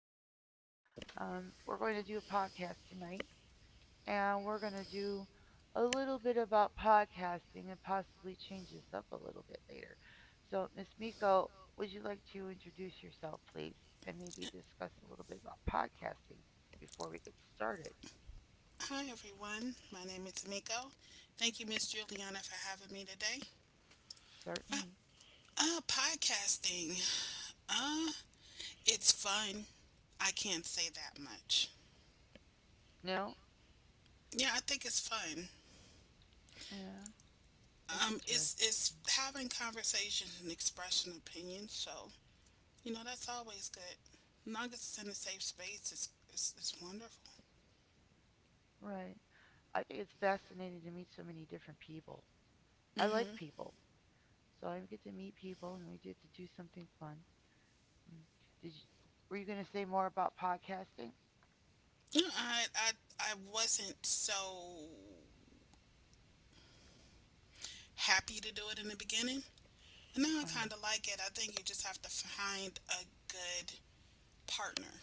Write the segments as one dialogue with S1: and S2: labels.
S1: Sinque. We're going to do a podcast tonight, and we're going to do a little bit about podcasting and possibly change this up a little bit later. So, Miss Miko, would you like to introduce yourself, please, and maybe discuss a little bit about podcasting before we get started?
S2: Hi, everyone. My name is Miko. Thank you, Miss Juliana, for having me today. Uh,
S1: Certainly.
S2: podcasting. Uh, it's fun. I can't say that much.
S1: No?
S2: Yeah, I think it's fun.
S1: Yeah, it's interesting.
S2: It's having conversations and expressing opinions. So you know that's always good. As long as it's in a safe space, it's wonderful.
S1: Right. I think it's fascinating to meet so many different people. I like
S2: hmm
S1: people. So I get to meet people and we get to do something fun. Mm. Did you, were you going to say more about podcasting?
S2: I I I wasn't so happy to do it in the beginning. And now
S1: Uh,
S2: I kind of like it. I think you just have to find a good partner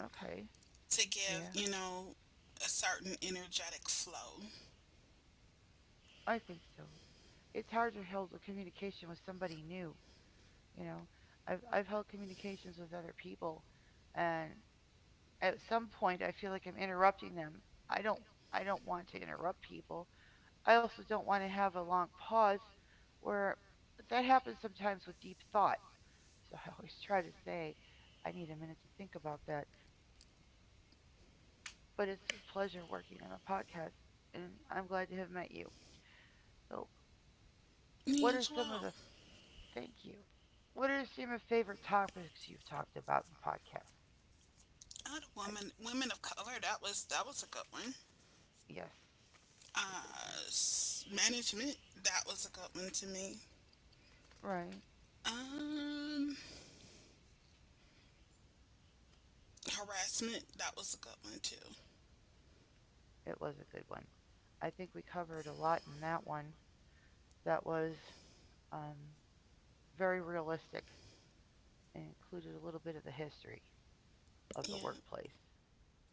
S1: okay.
S2: to give,
S1: Yeah,
S2: you know, a certain energetic flow.
S1: I think so. It's hard to hold a communication with somebody new. You know, I've held communications with other people and at some point I feel like I'm interrupting them. I don't I don't want to interrupt people. I also don't want to have a long pause where that happens sometimes with deep thought. So I always try to say, I need a minute to think about that. But it's a pleasure working on a podcast, and I'm glad to have met you. So, what
S2: Me
S1: are
S2: as
S1: some of
S2: well.
S1: the thank you? What are some of your favorite topics you've talked about in podcasts?
S2: Other
S1: I,
S2: woman, women of color. That was a good one.
S1: yes, it's a good
S2: Uh, management. That was a good one to me.
S1: one. Right,
S2: Um, harassment. That was a good one too.
S1: it was a good one. I think we covered a lot in that one. That was um, very realistic and included a little bit of the history of the
S2: Yeah,
S1: workplace.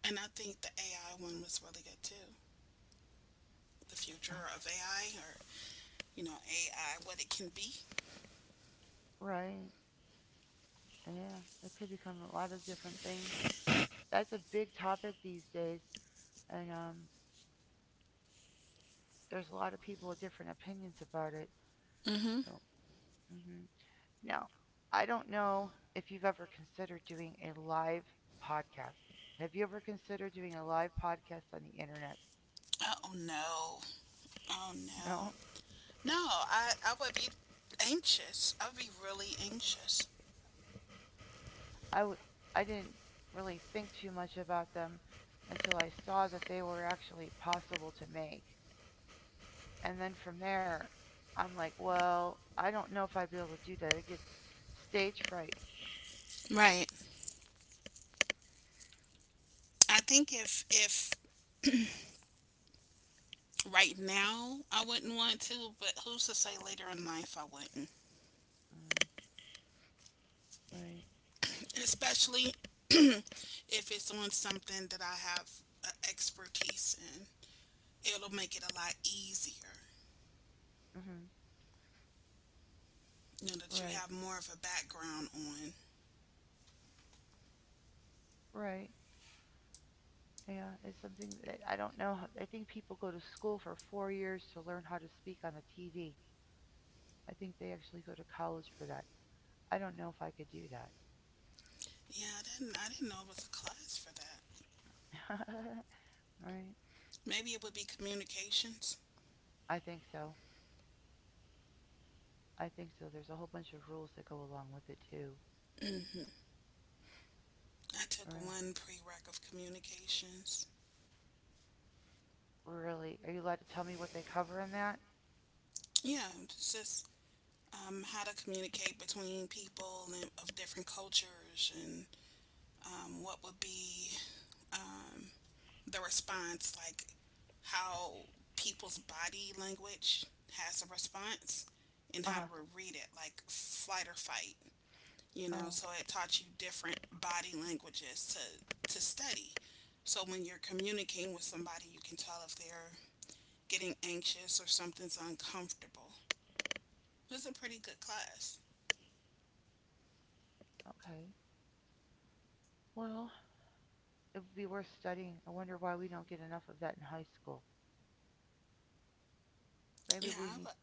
S2: and I think the AI one was really good too. The future of AI, or you know, AI, what it can be.
S1: Right. Yeah, it could become a lot of different things. That's a big topic these days, and there's a lot of people with different opinions about it.
S2: Mm-hmm.
S1: So, mhm. Now, I don't know if you've ever considered doing a live podcast. Have you ever considered doing a live podcast on the internet?
S2: Oh no, oh no.
S1: No,
S2: No, I would be anxious. I would be really anxious.
S1: I w- I didn't really think too much about them until I saw that they were actually possible to make. And then from there, I'm like, well, I don't know if I'd be able to do that. I get stage fright.
S2: Right. I think if right now I wouldn't want to, but who's to say later in life I wouldn't?
S1: Mm, right.
S2: Especially if it's on something that I have expertise in. It'll make it a lot easier,
S1: Hmm.
S2: you know, that you
S1: Right.
S2: have more of a background on.
S1: Right. Yeah, it's something that I don't know. I think people go to school for 4 years to learn how to speak on the TV. I think they actually go to college for that. I don't know if I could do that.
S2: Yeah, I didn't know it was a class for that.
S1: Right?
S2: Maybe it would be communications.
S1: I think so. I think so. There's a whole bunch of rules that go along with it too.
S2: I took
S1: Right.
S2: one prereq of communications.
S1: Really? Are you allowed to tell me what they cover in that?
S2: Yeah, it's just how to communicate between people and of different cultures and what would be, um, the response, like how people's body language has a response and
S1: Uh
S2: how to
S1: huh.
S2: read it, like flight or fight. You know,
S1: Oh,
S2: so it taught you different body languages to study. So when you're communicating with somebody, you can tell if they're getting anxious or something's uncomfortable. It was a pretty good class.
S1: okay. Well, it would be worth studying. I wonder why we don't get enough of that in high school. Maybe
S2: Yeah,
S1: we
S2: I
S1: need,
S2: would,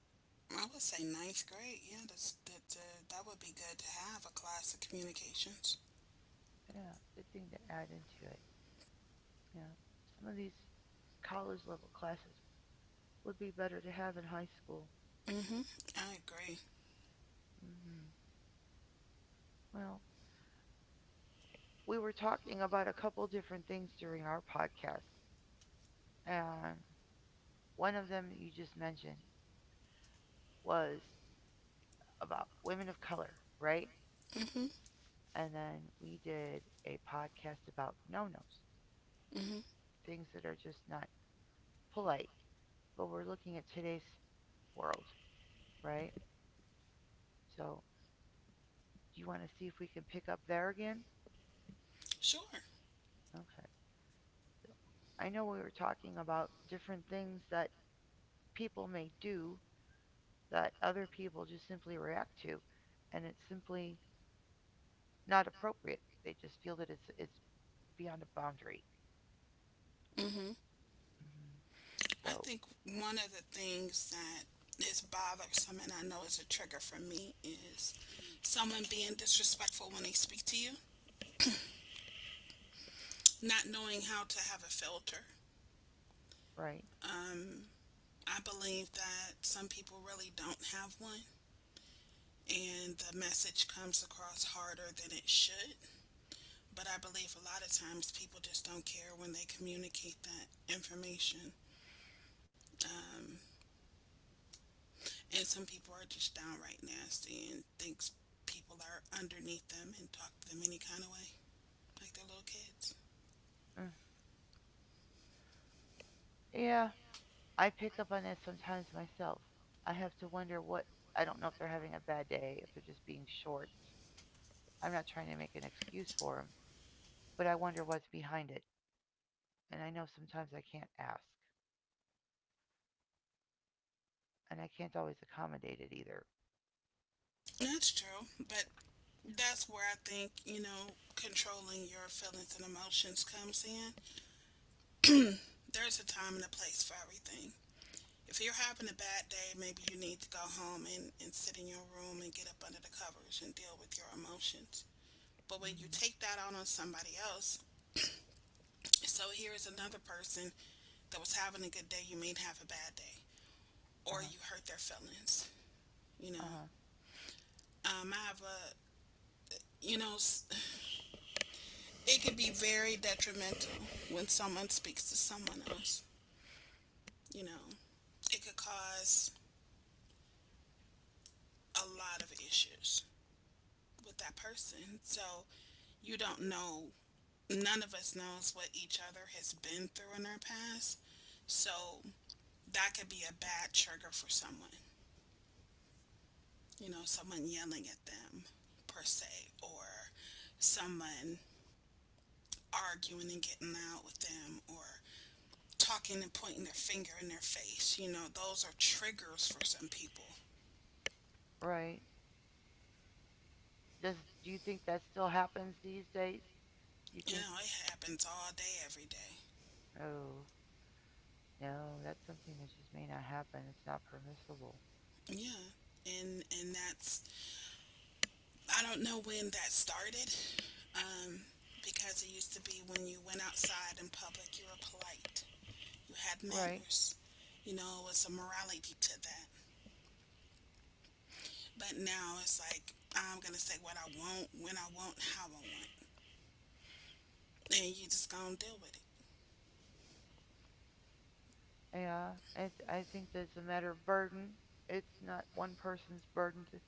S2: I would say ninth grade. Yeah, that's, that, that would be good to have a class of communications.
S1: yeah, good thing to add into it. Yeah. Some of these college level classes would be better to have in high school.
S2: Mm-hmm. I agree.
S1: Hmm. Well, we were talking about a couple different things during our podcast, and one of them that you just mentioned was about women of color, right?
S2: Mm-hmm.
S1: And then we did a podcast about no nos,
S2: Mm-hmm.
S1: things that are just not polite, but we're looking at today's world, right? So, do you want to see if we can pick up there again?
S2: Sure.
S1: Okay. I know we were talking about different things that people may do that other people just simply react to, and it's simply not appropriate. They just feel that it's beyond a boundary.
S2: Mm-hmm.
S1: Hmm.
S2: I think
S1: So
S2: one of the things that is bothersome, and I know is a trigger for me, is someone being disrespectful when they speak to you, not knowing how to have a filter.
S1: right,
S2: I believe that some people really don't have one, and the message comes across harder than it should. But I believe a lot of times people just don't care when they communicate that information. Um, and some people are just downright nasty and thinks people are underneath them and talk to them any kind of way, like they're little kids.
S1: mm. Yeah, I pick up on that sometimes myself. I have to wonder what, I don't know if they're having a bad day, if they're just being short. I'm not trying to make an excuse for them, but I wonder what's behind it, and I know sometimes I can't ask, and I can't always accommodate it either.
S2: That's true, but that's where I think, you know, controlling your feelings and emotions comes in. There's a time and a place for everything. If you're having a bad day, maybe you need to go home and sit in your room and get up under the covers and deal with your emotions. But when you
S1: Mm.
S2: take that out on somebody else, so here's another person that was having a good day, you may have a bad day, or
S1: Uh
S2: you
S1: huh.
S2: hurt their feelings, you
S1: Uh
S2: know.
S1: huh.
S2: I have a, you know, it can be very detrimental when someone speaks to someone else, you know. It could cause a lot of issues with that person. So you don't know, none of us knows what each other has been through in our past. So that could be a bad trigger for someone. You know, someone yelling at them per se, or someone arguing and getting out with them, or talking and pointing their finger in their face. You know, those are triggers for some people.
S1: Right. Does Do you think that still happens these days? You
S2: You
S1: think
S2: know, it happens all day, every day.
S1: Oh no, that's something that just may not happen. It's not permissible.
S2: Yeah. And that's, I don't know when that started, um, because it used to be when you went outside in public, you were polite, you had
S1: Right.
S2: manners, you know, it was a morality to that. But now it's like, I'm gonna say what I want, when I want, how I want, and you just gonna deal with
S1: Yeah. I think that's a matter of burden. It's not one person's burden to,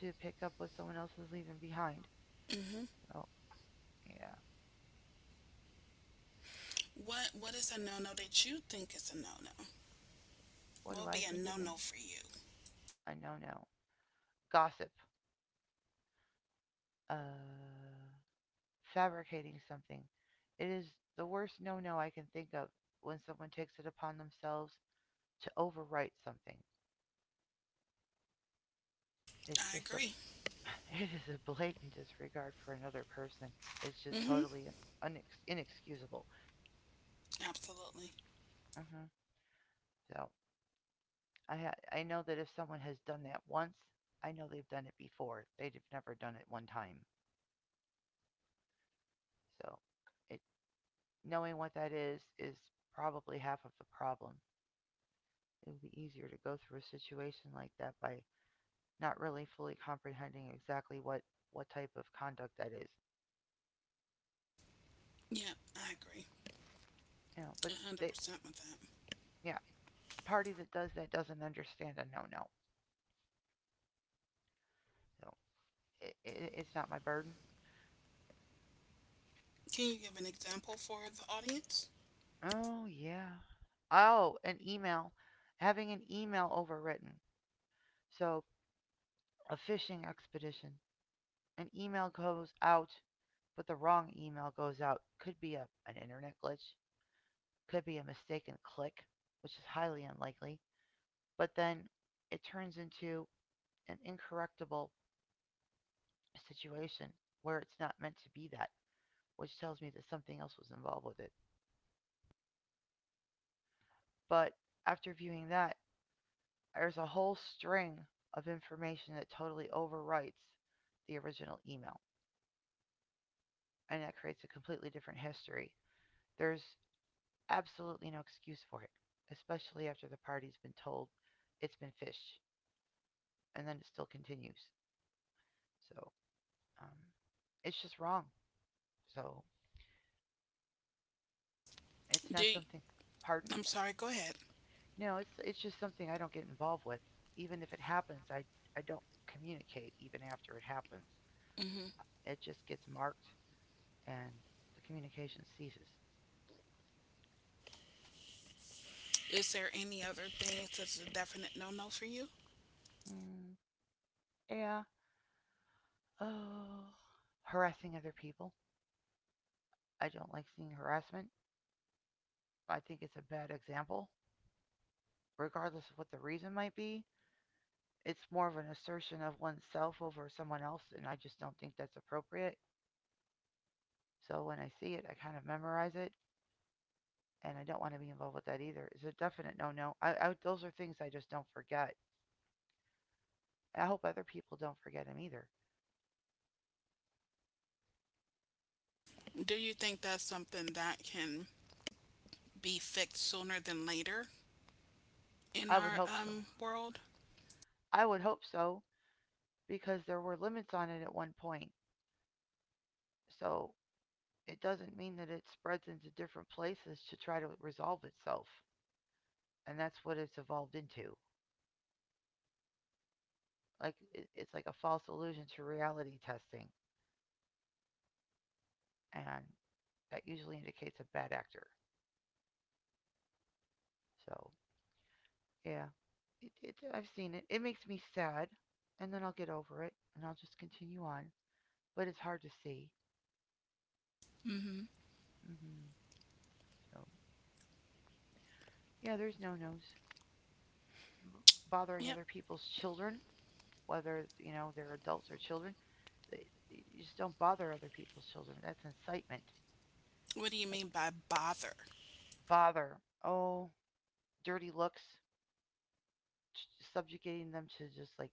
S1: to pick up what someone else is leaving behind.
S2: it. Mm-hmm.
S1: So yeah.
S2: What is a no no that you think is a no no?
S1: What
S2: What
S1: do
S2: would
S1: I
S2: be a
S1: think is
S2: no
S1: an
S2: no for you?
S1: a no no? Gossip. Uh Fabricating something. It is the worst no no I can think of when someone takes it upon themselves to overwrite something. It's
S2: I
S1: just a.
S2: agree.
S1: It is a blatant disregard for another person. It's just
S2: Mm-hmm.
S1: totally inexcusable.
S2: Absolutely.
S1: Hmm. So I know that if someone has done that once, I know they've done it before. They've never done it one time. So it knowing what that is probably half of the problem. It would be easier to go through a situation like that by not really fully comprehending exactly what type of conduct that is.
S2: Yeah, I agree.
S1: You know, but
S2: A
S1: they
S2: hundred percent with that.
S1: yeah, party that does that doesn't understand a no no. So it's not my burden.
S2: Can you give an example for the audience?
S1: Oh, yeah. Oh, an email. Having an email overwritten. So, a phishing expedition. An email goes out, but the wrong email goes out. Could be an internet glitch, could be a mistaken click, which is highly unlikely. But then it turns into an incorrectable situation where it's not meant to be that, which tells me that something else was involved with it. But after viewing that, there's a whole string of information that totally overwrites the original email and that creates a completely different history. There's absolutely no excuse for it, especially after the party's been told it's been fished and then it still continues. So um, it's just wrong. So it's not
S2: Do
S1: something. Pardon?
S2: I'm sorry, go ahead.
S1: No, it's just something I don't get involved with. Even if it happens, I don't communicate even after it happens.
S2: Hmm.
S1: It just gets marked and the communication ceases.
S2: Is there any other thing that's a definite no no for you?
S1: Mm, yeah. Uh, Harassing other people. I don't like seeing harassment. I think it's a bad example, regardless of what the reason might be. It's more of an assertion of oneself over someone else, and I just don't think that's appropriate. So when I see it, I kind of memorize it, and I don't want to be involved with that either. It's a definite no-no. I Those are things I just don't forget. I hope other people don't forget them either.
S2: Do you think that's something that can be fixed sooner than later in
S1: I would
S2: our
S1: hope so.
S2: world?
S1: I would hope so because there were limits on it at one point. So it doesn't mean that it spreads into different places to try to resolve itself. And that's what it's evolved into. Like it's like a false illusion to reality testing, and that usually indicates a bad actor. So yeah, I've seen it. It makes me sad, and then I'll get over it, and I'll just continue on. But it's hard to see.
S2: Mhm.
S1: Hmm. So yeah, there's no nos bothering
S2: Yep.
S1: other people's children, whether you know they're adults or children. You just don't bother other people's children. That's incitement.
S2: What do you
S1: That's
S2: mean by bother?
S1: bother. Oh, dirty looks, subjugating them to just like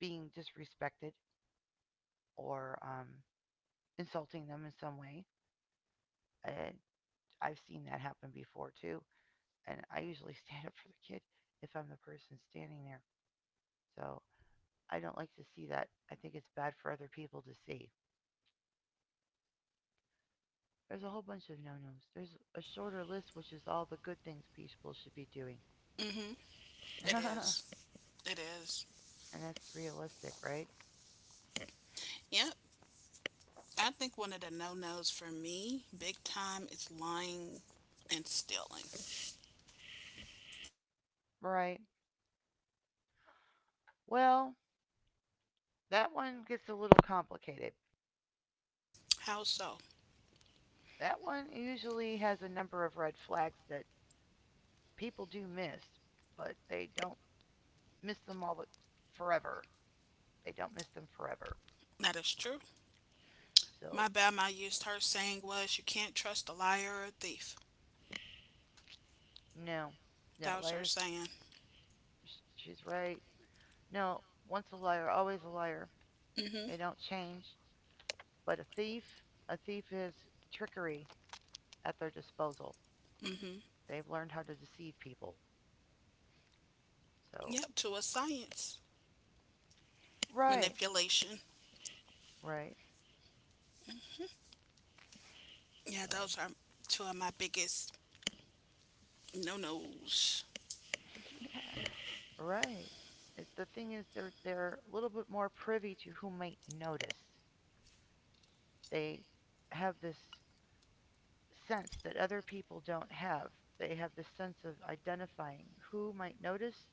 S1: being disrespected or insulting them in some way. And I've seen that happen before too. And I usually stand up for the kid if I'm the person standing there. So I don't like to see that. I think it's bad for other people to see. There's a whole bunch of no nos. There's a shorter list, which is all the good things people should be doing.
S2: Hmm. It is. It is.
S1: And that's realistic, right?
S2: Yep. I think one of the no nos for me, big time, is lying and stealing.
S1: Right. Well, that one gets a little complicated.
S2: How so?
S1: That one usually has a number of red flags that people do miss, but they don't miss them forever. They don't miss them forever.
S2: That is true.
S1: So,
S2: My bad, my used her saying was, you can't trust a liar or a thief.
S1: no. No,
S2: That was her
S1: liars,
S2: saying.
S1: she's right. No, once a liar, always a liar.
S2: Hmm.
S1: They don't change. But a thief is trickery at their disposal.
S2: Hmm.
S1: They've learned how to deceive people. So,
S2: Yep, to a science.
S1: right,
S2: Manipulation.
S1: right.
S2: Yeah,
S1: So,
S2: those are two of my biggest no nos.
S1: yeah, right. The thing is, they're a little bit more privy to who might notice. They have this sense that other people don't have. They have this sense of identifying who might notice,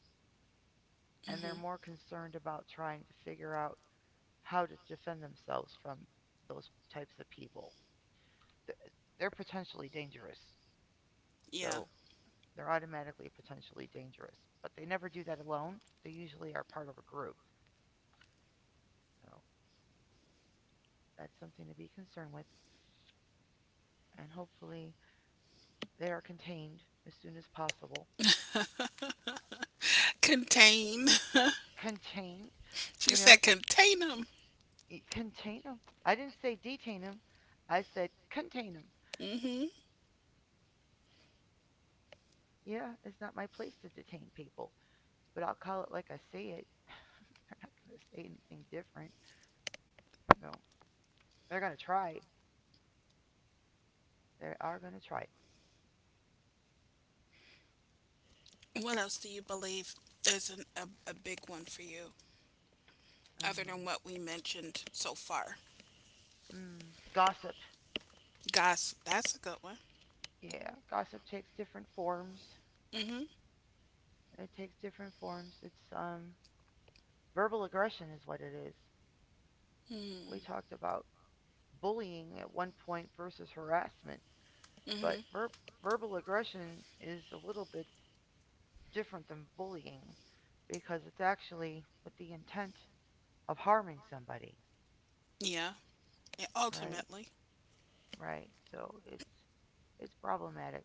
S1: and they're
S2: Hmm.
S1: more concerned about trying to figure out how to defend themselves from those types of people. They're potentially dangerous,
S2: Yeah.
S1: so they're automatically potentially dangerous. But they never do that alone. They usually are part of a group. So that's something to be concerned with. And hopefully they are contained as soon as possible.
S2: Contain.
S1: Contained?
S2: she
S1: You know,
S2: said contain them.
S1: contain them. I didn't say detain them. I said contain them.
S2: Hmm.
S1: Yeah, it's not my place to detain people, but I'll call it like I see it. They're not going to say anything different. So they're going to try. They are going to try.
S2: What else do you believe is an, a big one for you, other than
S1: Oh.
S2: what we mentioned so far?
S1: Mm. Gossip.
S2: Gosh, that's a good one.
S1: Yeah, gossip takes different forms.
S2: Hmm.
S1: It takes different forms. It's verbal aggression is what it is. We
S2: Hmm.
S1: talked about bullying at one point versus harassment, but verbal aggression is a little bit different than bullying because it's actually with the intent of harming somebody,
S2: Yeah. And
S1: right?
S2: ultimately,
S1: Right. So it's problematic.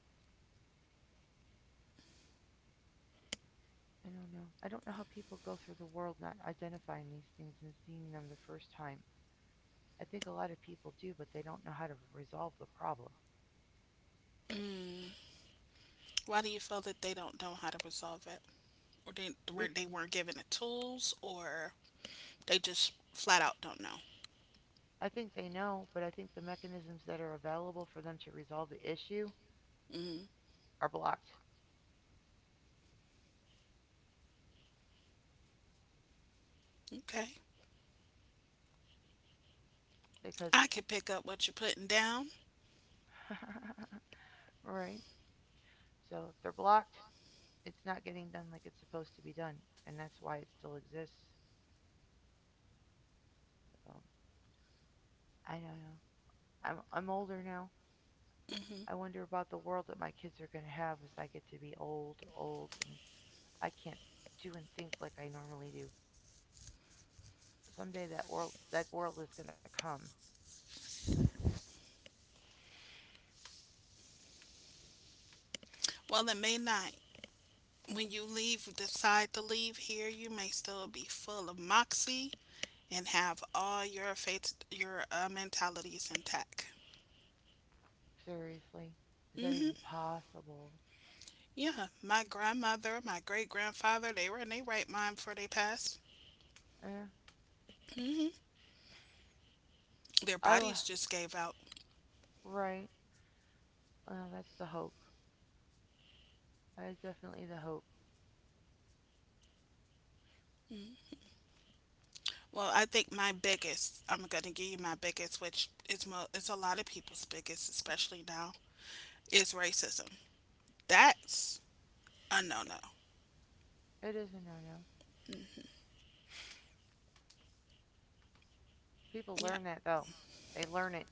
S1: I don't know. I don't know how people go through the world not identifying these things and seeing them the first time. I think a lot of people do, but they don't know how to resolve the problem.
S2: mm. Why do you feel that they don't know how to resolve it, or they were
S1: Bec-
S2: they weren't given the tools, or they just flat out don't know.
S1: I think they know, but I think the mechanisms that are available for them to resolve the issue
S2: Mm-hmm.
S1: are blocked
S2: Okay.
S1: because,
S2: I can pick up what you're putting down.
S1: right? So if they're blocked, it's not getting done like it's supposed to be done, and that's why it still exists. So I don't know. I'm older now. I
S2: Mm-hmm.
S1: wonder about the world that my kids are going to have as I get to be old, old, and I can't do and think like I normally do. Someday that world is going to come.
S2: Well, it may not. When you leave, decide to leave here, you may still be full of moxie and have all your faith, your mentalities intact.
S1: Seriously, is that even possible?
S2: Yeah, my grandmother, my great grandfather, they were in their right mind before they passed.
S1: Eh,
S2: Their
S1: I will.
S2: bodies just gave out.
S1: Right. Well, that's the hope. That is definitely the hope.
S2: Well, I think my biggest, I'm going to give you my biggest, which is, is a lot of people's biggest, especially now, is racism. That's a no no.
S1: It is a no-no. People
S2: Yeah.
S1: learn that though. They learn it,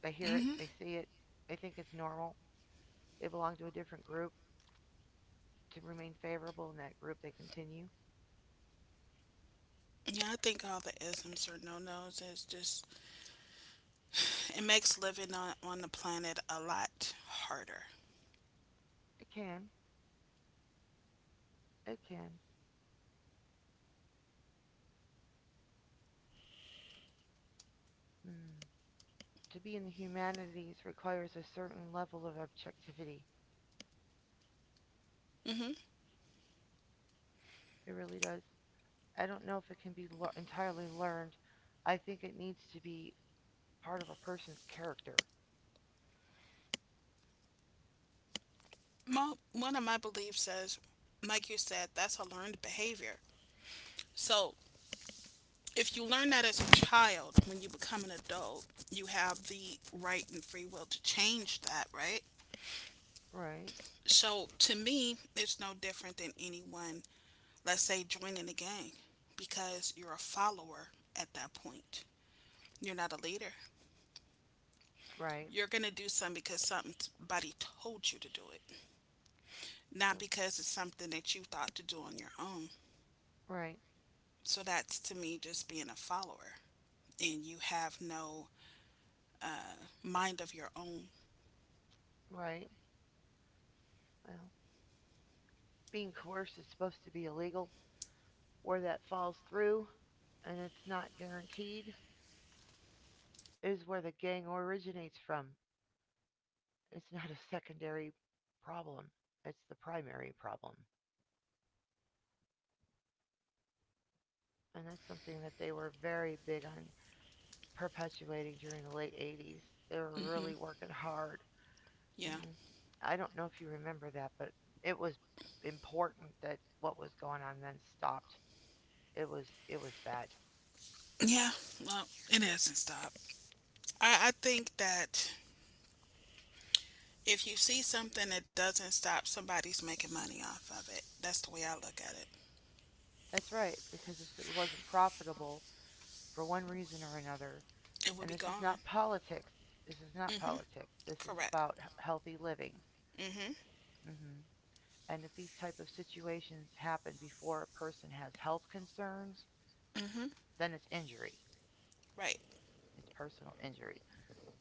S1: they hear it,
S2: Hmm.
S1: they see it, they think it's normal. They belong to a different group. To remain favorable in that group, they continue.
S2: Yeah, I think all the isms are no nos. It's just it makes living on the planet a lot harder.
S1: It can. It can. Hmm. To be in the humanities requires a certain level of objectivity.
S2: Hmm.
S1: It really does. I don't know if it can be entirely learned. I think it needs to be part of a person's character.
S2: Mo, one of my beliefs says, like you said, that's a learned behavior. So if you learn that as a child, when you become an adult, you have the right and free will to change that, right?
S1: Right,
S2: So to me, it's no different than anyone, let's say, joining a gang because you're a follower at that point. You're not a leader.
S1: right,
S2: You're going to do something because somebody told you to do it, not
S1: mm,
S2: because it's something that you thought to do on your own.
S1: right,
S2: So that's to me just being a follower. And you have no mind of your own.
S1: right. Well, being coerced is supposed to be illegal. Where that falls through, and it's not guaranteed is where the gang originates from. It's not a secondary problem, it's the primary problem. And that's something that they were very big on perpetuating during the late 80s. They were
S2: Hmm.
S1: really working hard.
S2: Yeah.
S1: Mm, I don't know if you remember that, but it was important that what was going on then stopped. It was bad.
S2: Yeah. Well, it hasn't stopped. I think that if you see something that doesn't stop, somebody's making money off of it. That's the way I look at it.
S1: That's right, because if it wasn't profitable for one reason or another,
S2: It will be
S1: and this is
S2: gone.
S1: not politics. This is not
S2: Hmm.
S1: politics. This is
S2: Correct.
S1: about healthy living.
S2: Hmm.
S1: Hmm. And if these type of situations happen before a person has health concerns,
S2: Hmm.
S1: then it's injury.
S2: Right.
S1: It's personal injury.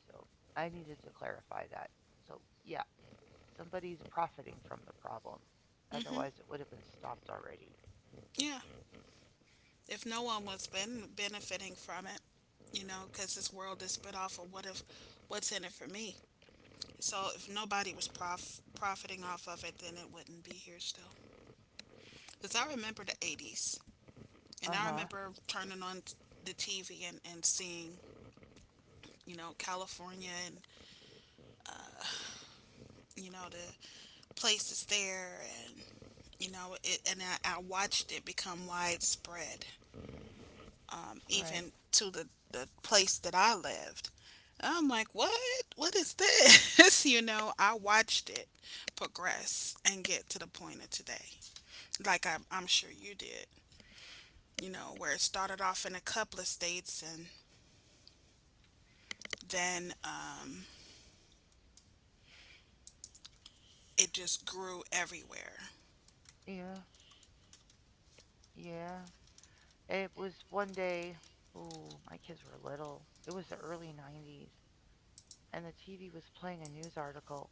S1: So I needed to clarify that. So yeah, somebody's profiting from the problem.
S2: Hmm.
S1: Otherwise, it would have been stopped already.
S2: Yeah. If no one was benefiting from it, you know, because this world is split off of what if, what's in it for me. So if nobody was profiting off of it, then it wouldn't be here still. Because I remember the 80s, and
S1: Uh
S2: I
S1: huh.
S2: remember turning on the TV and seeing, you know, California and, you know, the places there, and, you know, it, and I watched it become widespread,
S1: Right.
S2: even to the place that I lived. I'm like, what? What is this? You know, I watched it progress and get to the point of today, like I, I'm sure you did, you know, where it started off in a couple of states and then it just grew everywhere.
S1: Yeah. Yeah. It was one day. Ooh, my kids were little. It was the early 90s. And the TV was playing a news article.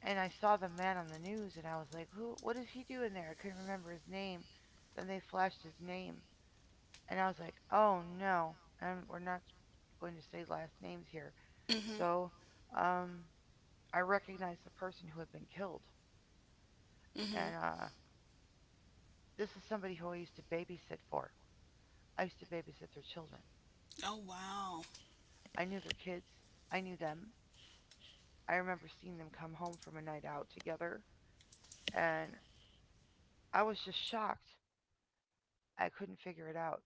S1: And I saw the man on the news and I was like, who, what is he doing there? I couldn't remember his name. Then they flashed his name and I was like, oh no, and we're not going to say last names here.
S2: Hmm.
S1: So, um, I recognized the person who had been killed.
S2: Hmm.
S1: And, this is somebody who I used to babysit for. I used to babysit their children.
S2: Oh, wow.
S1: I knew their kids. I knew them. I remember seeing them come home from a night out together. And I was just shocked I couldn't figure it out.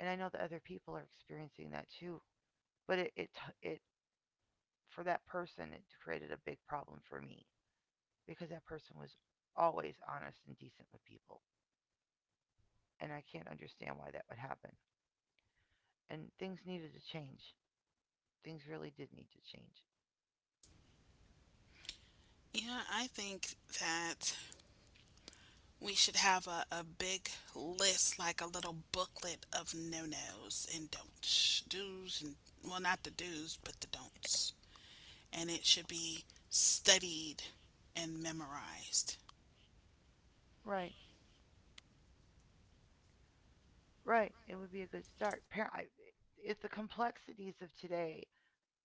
S1: And I know that other people are experiencing that too. But it, for that person, it created a big problem for me because that person was always honest and decent with people. And I can't understand why that would happen. And things needed to change. Things really did need to change.
S2: Yeah, I think that we should have a big list, like a little booklet of no nos and don'ts, do's and, well, not the do's, but the don'ts. And it should be studied and memorized.
S1: Right, right. It would be a good start. It's the complexities of today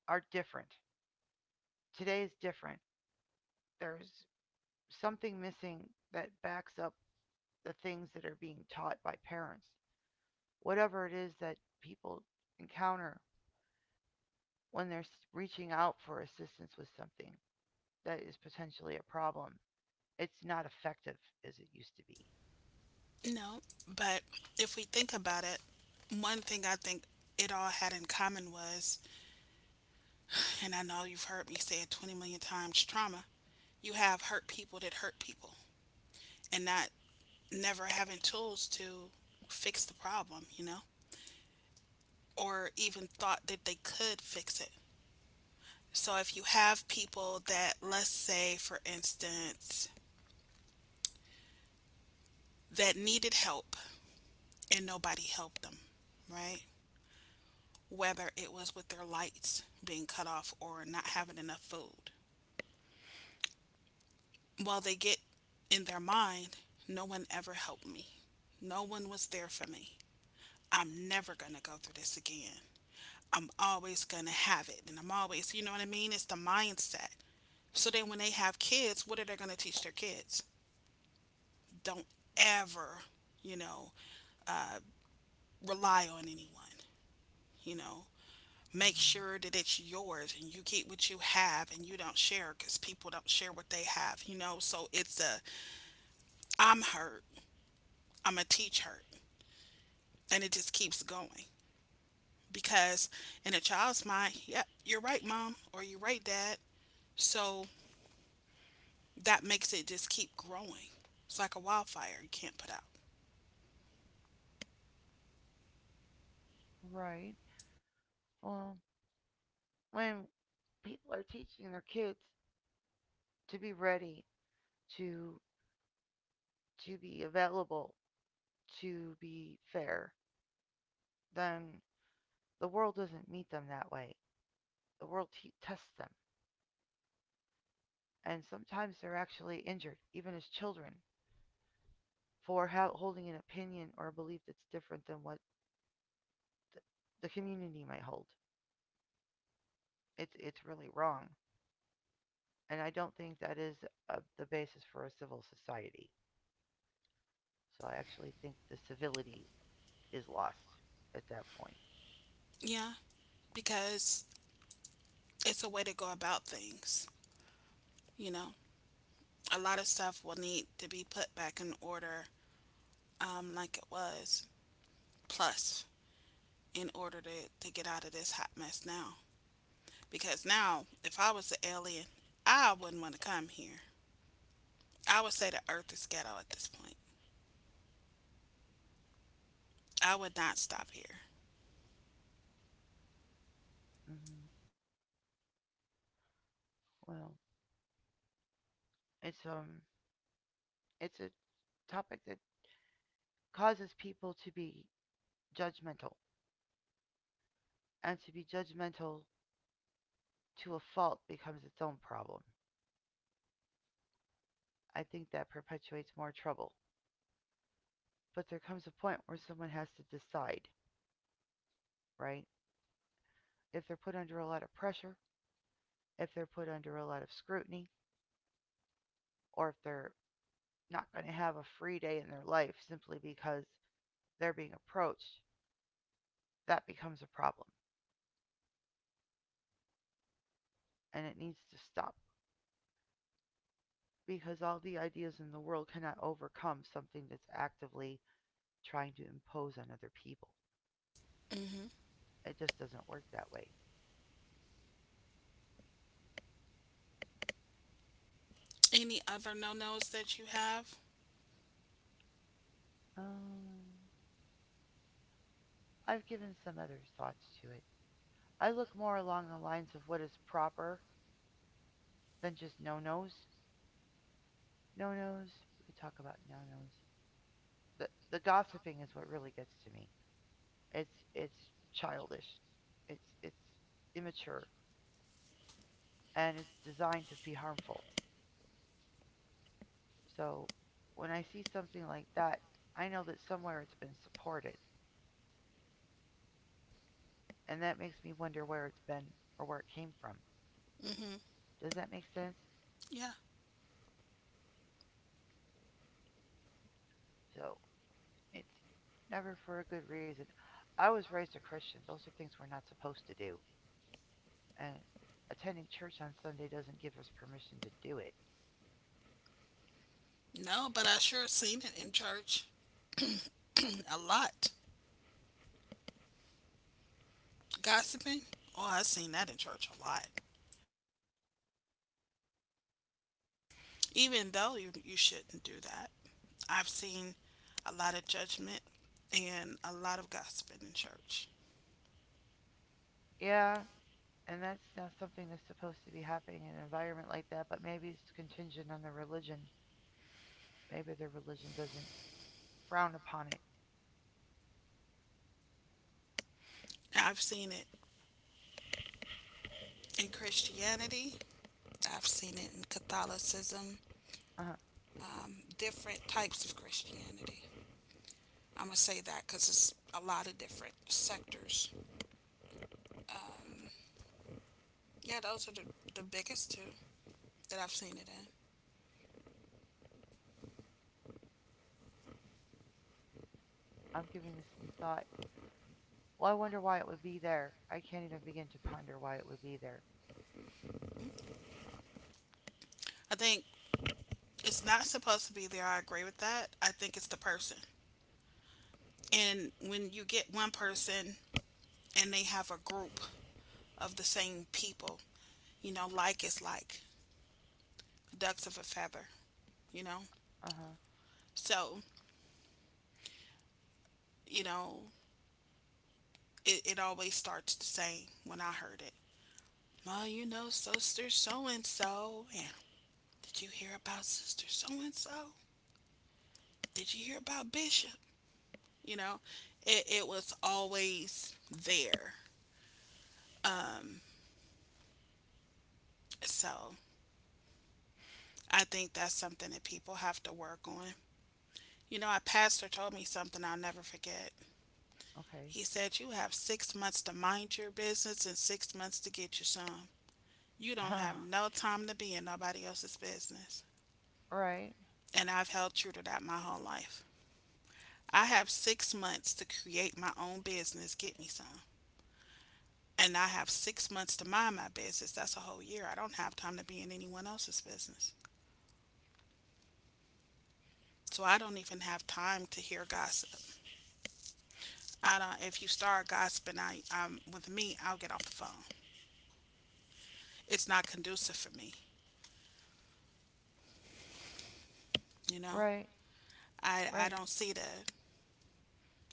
S1: are different. Today is different. There's something missing that backs up the things that are being taught by parents. Whatever it is that people encounter when they're reaching out for assistance with something that is potentially a problem. It's not effective as it used to be.
S2: No, but if we think about it, one thing I think it all had in common was, and I know you've heard me say it 20 million times, trauma, you have hurt people that hurt people and not never having tools to fix the problem, you know? Or even thought that they could fix it. So if you have people that, let's say, for instance, that needed help and nobody helped them, right? Whether it was with their lights being cut off or not having enough food. Well, they get in their mind, no one ever helped me. No one was there for me. I'm never going to go through this again. I'm always going to have it. And I'm always, you know what I mean? It's the mindset. So then when they have kids, what are they going to teach their kids? Don't ever, you know, rely on anyone, you know. Make
S1: Mm-hmm.
S2: sure that it's yours and you keep what you have and you don't share because people don't share what they have, you know. So it's a I'm hurt, I'm a teach hurt, and it just keeps going because in a child's mind, yep, you're right, mom, or you're right, dad. So that makes it just keep growing. It's like a wildfire you can't put out.
S1: Right. Well, when people are teaching their kids to be ready, to to be available, to be fair, then the world doesn't meet them that way. The world tests them, and sometimes they're actually injured, even as children, for holding an opinion or a belief that's different than what th- the community might hold. It's really wrong, and I don't think that is the basis for a civil society. So I actually think the civility is lost at that point.
S2: Yeah, because it's a way to go about things, you know. A lot of stuff will need to be put back in order like it was plus in order to get out of this hot mess now because now if I was an alien, I wouldn't want to come here. I would say the earth is ghetto at this point. I would not stop here.
S1: Hmm. Well, it's um, it's a topic that causes people to be judgmental, and to be judgmental to a fault becomes its own problem. I think that perpetuates more trouble. But there comes a point where someone has to decide, right? If they're put under a lot of pressure, if they're put under a lot of scrutiny, or if they're not going to have a free day in their life simply because they're being approached, that becomes a problem. And it needs to stop because all the ideas in the world cannot overcome something that's actively trying to impose on other people.
S2: Hmm.
S1: It just doesn't work that way.
S2: Any other no-nos that you have?
S1: Um, I've given some other thoughts to it. I look more along the lines of what is proper than just no nos. No nos. We could talk about no nos. The gossiping is what really gets to me. It's childish. It's immature and it's designed to be harmful. So when I see something like that, I know that somewhere it's been supported. And that makes me wonder where it's been or where it came from.
S2: Hmm.
S1: Does that make sense?
S2: Yeah,
S1: So it's never for a good reason. I was raised a Christian. Those are things we're not supposed to do. And attending church on Sunday doesn't give us permission to do it.
S2: no, but I sure seen it in church a lot gossiping. Oh, I seen that in church a lot, even though you shouldn't do that. I've seen a lot of judgment and a lot of gossiping in church.
S1: Yeah, and that's not something that's supposed to be happening in an environment like that, but maybe it's contingent on the religion. Maybe their religion doesn't frown upon it.
S2: I've seen it in Christianity, I've seen it in Catholicism,
S1: Huh.
S2: different types of Christianity. I'm going to say that because it's a lot of different sectors. Yeah, those are the biggest two that I've seen it in.
S1: I'm giving this some thought. Well, I wonder why it would be there. I can't even begin to ponder why it would be there.
S2: I think it's not supposed to be there. I agree with that. I think it's the person. And when you get one person and they have a group of the same people, you know, like is like ducks of a feather, you know?
S1: Uh huh.
S2: So, you know, it always starts the same when I heard it. Well, you know, sister so and so. And did you hear about sister so and so? Did you hear about Bishop? You know, it was always there. Um, so I think that's something that people have to work on. You know, a pastor told me something I'll never forget.
S1: Okay.
S2: He said, you have six months to mind your business and six months to get you some. You don't
S1: Uh-huh.
S2: have no time to be in nobody else's business.
S1: Right.
S2: And I've held true to that my whole life. I have six months to create my own business, get me some. And I have six months to mind my business. That's a whole year. I don't have time to be in anyone else's business. So I don't even have time to hear gossip. I don't. If you start gossiping, I with me, I'll get off the phone. It's not conducive for me. You know,
S1: Right.
S2: I
S1: Right.
S2: don't see the—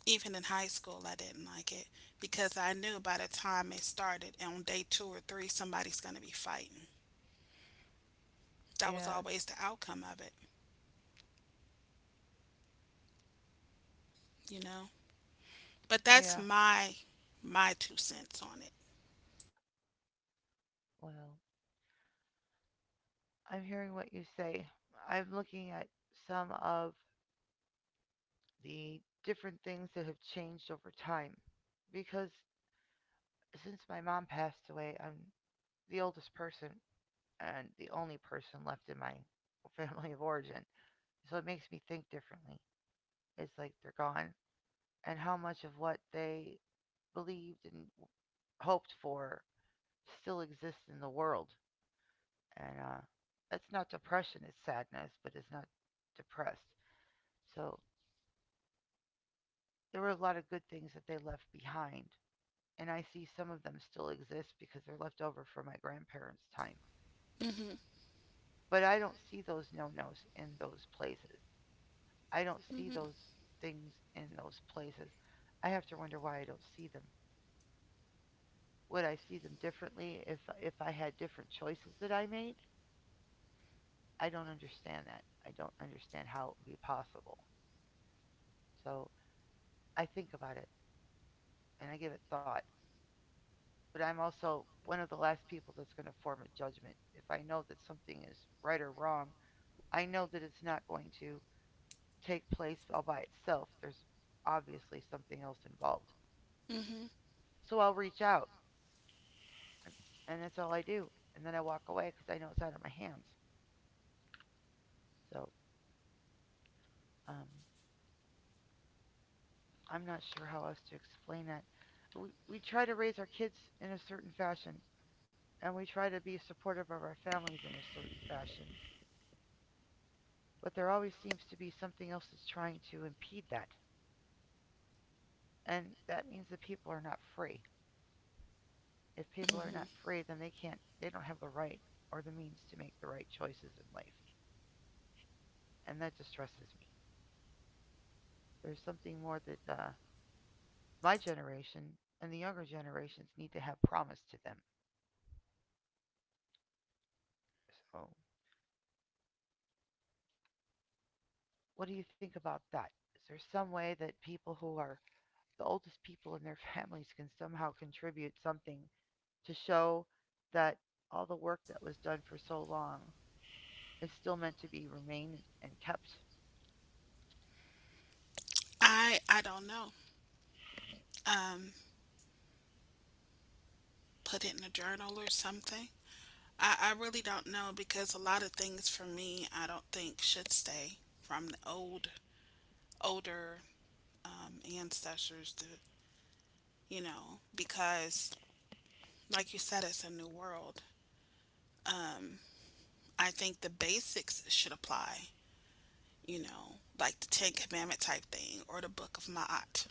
S2: Even in high school, I didn't like it because I knew by the time it started on day two or three, somebody's going to be fighting. That was
S1: Yeah.
S2: always the outcome of it, you know. But that's
S1: Yeah.
S2: my two cents on it.
S1: Well, I'm hearing what you say. I'm looking at some of the different things that have changed over time. Because since my mom passed away, I'm the oldest person and the only person left in my family of origin. So it makes me think differently. It's like they're gone, and how much of what they believed and hoped for still exists in the world. And it's not depression, it's sadness, but it's not depressed. So there were a lot of good things that they left behind and I see some of them still exist because they're left over from my grandparents' time.
S2: Mm-hmm.
S1: But I don't see those no nos in those places. I don't see
S2: Mm-hmm.
S1: those things in those places. I have to wonder why I don't see them. Would I see them differently if I had different choices that I made? I don't understand that. I don't understand how it would be possible. So I think about it and I give it thought. But I'm also one of the last people that's going to form a judgment. If I know that something is right or wrong, I know that it's not going to take place all by itself. There's obviously something else involved.
S2: Mm-hmm.
S1: So I'll reach out, and- that's all I do. And then I walk away because I know it's out of my hands. So um, I'm not sure how else to explain that. We try to raise our kids in a certain fashion, and we try to be supportive of our families in a certain fashion. But there always seems to be something else that's trying to impede that. And that means that people are not free. If people are not
S2: Mm-hmm.
S1: free, then they don't have the right or the means to make the right choices in life. And that distresses me. There's something more that my generation and the younger generations need to have promised to them. So, what do you think about that? Is there some way that people who are the oldest people in their families can somehow contribute something to show that all the work that was done for so long is still meant to be remain and kept?
S2: I don't know. Um, Put it in a journal or something. I really don't know because a lot of things for me I don't think should stay from the old older ancestors to you know because like you said, it's a new world. Um, I think the basics should apply, you know, like the Ten Commandment type thing or the Book of Ma'at.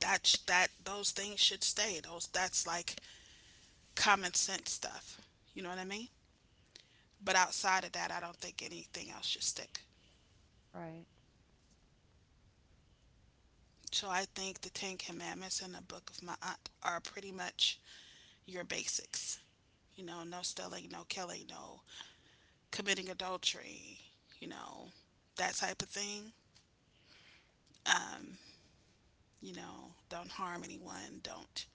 S2: That those things should stay. Those that's like common sense stuff. You know what I mean? But outside of that, I don't think anything else should stick.
S1: Right.
S2: So I think the Ten Commandments and the Book of Ma'at are pretty much your basics. You know, no stealing, no killing, no committing adultery. You know, that type of thing. Um, you know, don't harm anyone, don't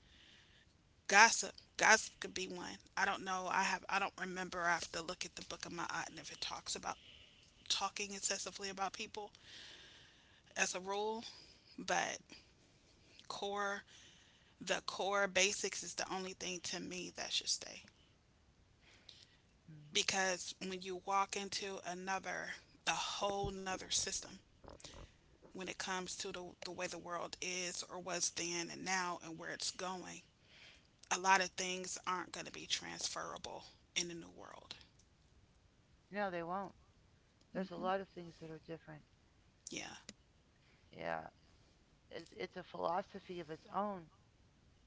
S2: gossip. Gossip could be one. I don't know. I don't remember. I have to look at the book of my aunt and if it talks about talking excessively about people as a rule, but core the core basics is the only thing to me that should stay.
S1: Mm.
S2: Because when you walk into another a whole nother system when it comes to the way the world is or was then and now and where it's going, a lot of things aren't going to be transferable in the new world.
S1: No, they won't. There's a
S2: Hmm.
S1: lot of things that are different.
S2: Yeah.
S1: Yeah, it's a philosophy of its own.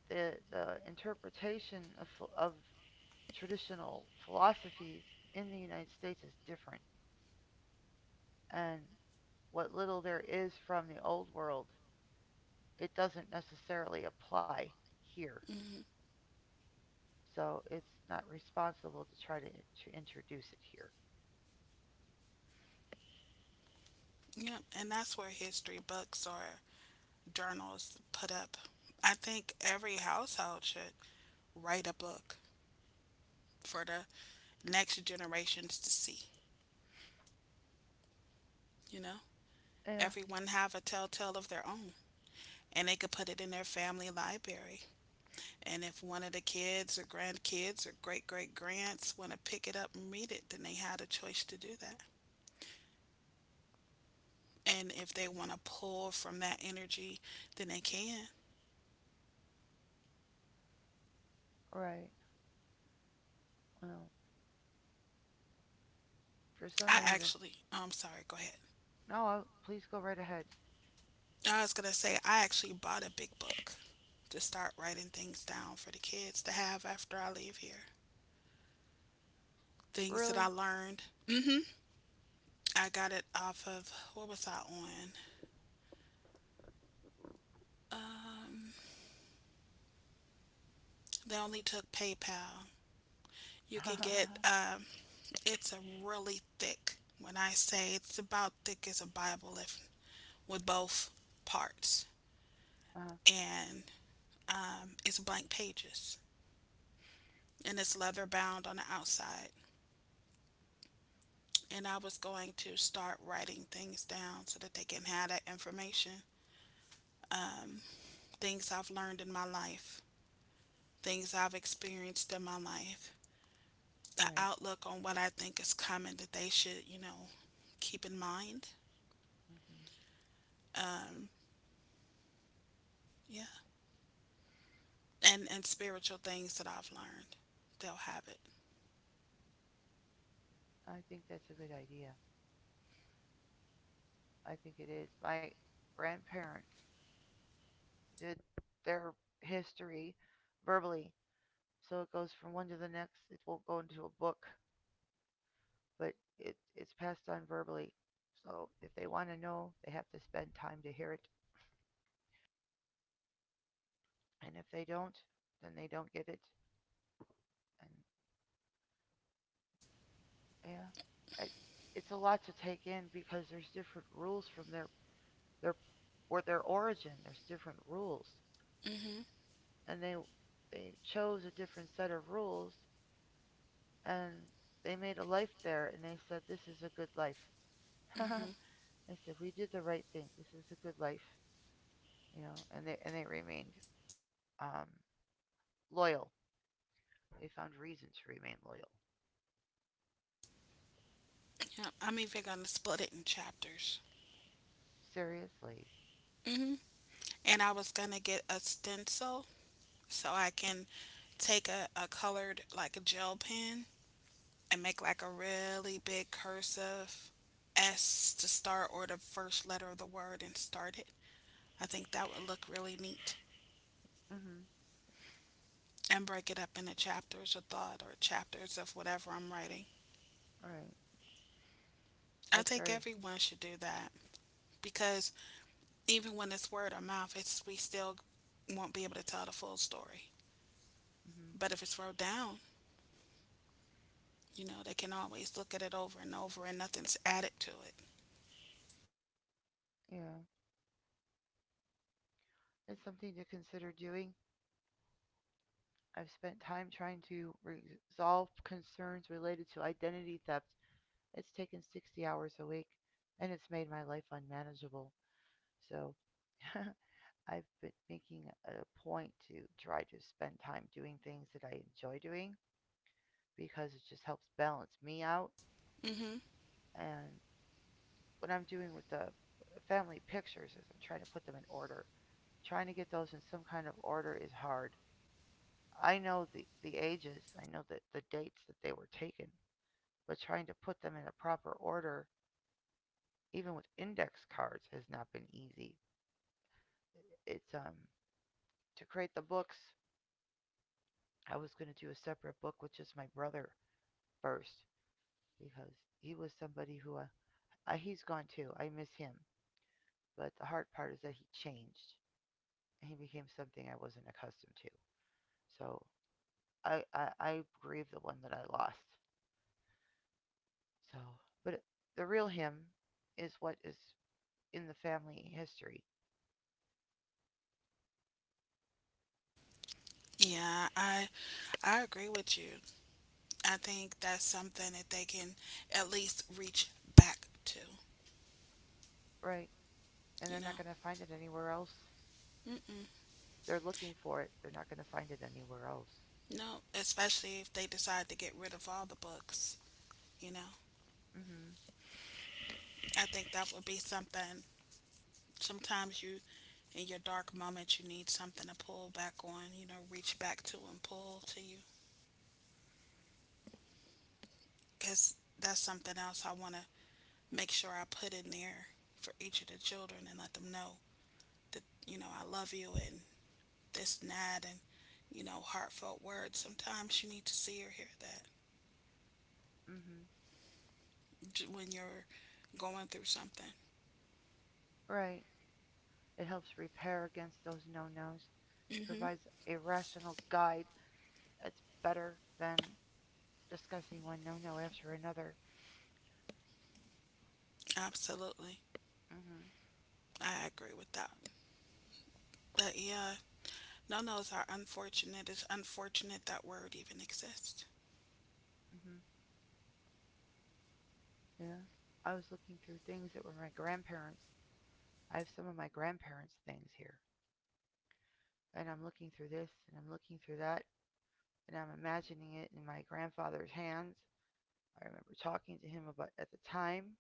S1: The interpretation of of traditional philosophies in the United States is different, and what little there is from the old world, it doesn't necessarily apply here. So it's not responsible to try to introduce it here.
S2: Yep. And that's where history books or journals put up. I think every household should write a book for the next generations to see. You know,
S1: Yeah,
S2: everyone have a telltale of their own, and they could put it in their family library. And if one of the kids or grandkids or great great grands want to pick it up and read it, then they had a choice to do that. And if they want to pull from that energy, then they can.
S1: right. Well, for some
S2: I
S1: reason,
S2: actually, I'm sorry, go ahead.
S1: no. I'll, please go right ahead.
S2: I was going to say, I actually bought a big book to start writing things down for the kids to have after I leave here. Things that I
S1: Really?
S2: learned. Hmm. I got it off of, what was I on? Um, they only took PayPal.
S1: uh,
S2: You can get, it's a really thick, when I say it's about thick as a Bible, if with both parts. And it's blank pages and it's leather bound on the outside. And I was going to start writing things down so that they can have that information. Um, Things I've learned in my life, things I've experienced in my life, the
S1: right.
S2: outlook on what I think is coming that they should, you know, keep in mind.
S1: Hmm.
S2: Um, yeah. And spiritual things that I've learned. They'll have it.
S1: I think that's a good idea. I think it is. My grandparents did their history verbally, so it goes from one to the next. It won't go into a book, but it's passed on verbally. So if they want to know, they have to spend time to hear it. And if they don't, then they don't get it. And yeah, it, it's a lot to take in because there's different rules from their or their origin. There's different rules,
S2: Hmm.
S1: and they chose a different set of rules and they made a life there, and they said, "This is a good life."
S2: Hmm.
S1: they said, "We did the right thing. This is a good life," and they remained um, loyal. They found reason to remain loyal.
S2: Yeah. I'm even going to split it in chapters.
S1: Seriously.
S2: Hmm. And I was gonna get a stencil so I can take a colored like a gel pen and make like a really big cursive S to start or the first letter of the word and start it. I think that would look really neat
S1: Mhm.
S2: and break it up into chapters of thought or chapters of whatever I'm writing.
S1: Right.
S2: I
S1: That's
S2: think
S1: very.
S2: everyone should do that because even when it's word of mouth, it's we still won't be able to tell the full story.
S1: Mhm.
S2: But if it's wrote down, you know, they can always look at it over and over and nothing's added to it.
S1: Yeah. It's something to consider doing. I've spent time trying to resolve concerns related to identity theft. It's taken 60 hours a week, and it's made my life unmanageable. So, I've been making a point to try to spend time doing things that I enjoy doing because it just helps balance me out.
S2: Hmm.
S1: And what I'm doing with the family pictures is I'm trying to put them in order. Trying to get those in some kind of order is hard. I know the ages, I know that the dates that they were taken, but trying to put them in a proper order, even with index cards, has not been easy. It's to create the books. I was going to do a separate book with just my brother first because he was somebody who he's gone too. I miss him. But the hard part is that he changed. He became something I wasn't accustomed to. So I grieve the one that I lost. So, but the real him is what is in the family history,
S2: Yeah, I agree with you. I think that's something that they can at least reach back to,
S1: right? And
S2: you
S1: they're
S2: know.
S1: not going to find it anywhere else.
S2: Mm-mm.
S1: They're looking for it. They're not going to find it anywhere else.
S2: No, especially if they decide to get rid of all the books, you know.
S1: Mm-hmm.
S2: I think that would be something sometimes you in your dark moments you need something to pull back on, you know, reach back to and pull to you cuz that's something else I want to make sure I put in there for each of the children and let them know that, you know, I love you and this and that and, you know, heartfelt words. Sometimes you need to see or hear that
S1: Mm-hmm.
S2: when you're going through something.
S1: Right. It helps repair against those no-nos,
S2: Hmm.
S1: provides a rational guide. It's better than discussing one no no after another.
S2: Absolutely.
S1: Mm-hmm.
S2: I agree with that. But yeah, no nos are unfortunate. It's unfortunate that word even exists.
S1: Mm-hmm. Yeah. I was looking through things that were my grandparents. I have some of my grandparents' things here. And I'm looking through this and I'm looking through that and I'm imagining it in my grandfather's hands. I remember talking to him about at the time,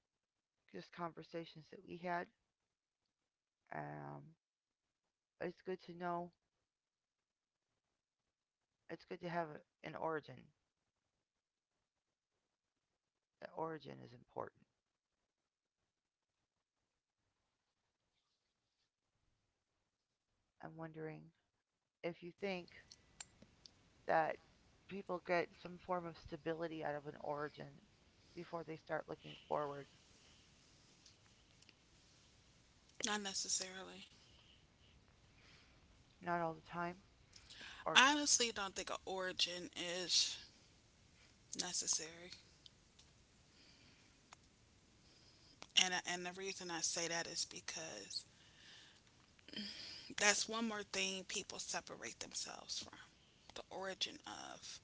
S1: just conversations that we had. Um, it's good to know. It's good to have a, an origin. The origin is important. I'm wondering if you think that people get some form of stability out of an origin before they start looking forward.
S2: Not necessarily.
S1: Not all the time, or
S2: I honestly don't think an origin is necessary. And the reason I say that is because that's one more thing people separate themselves from the origin of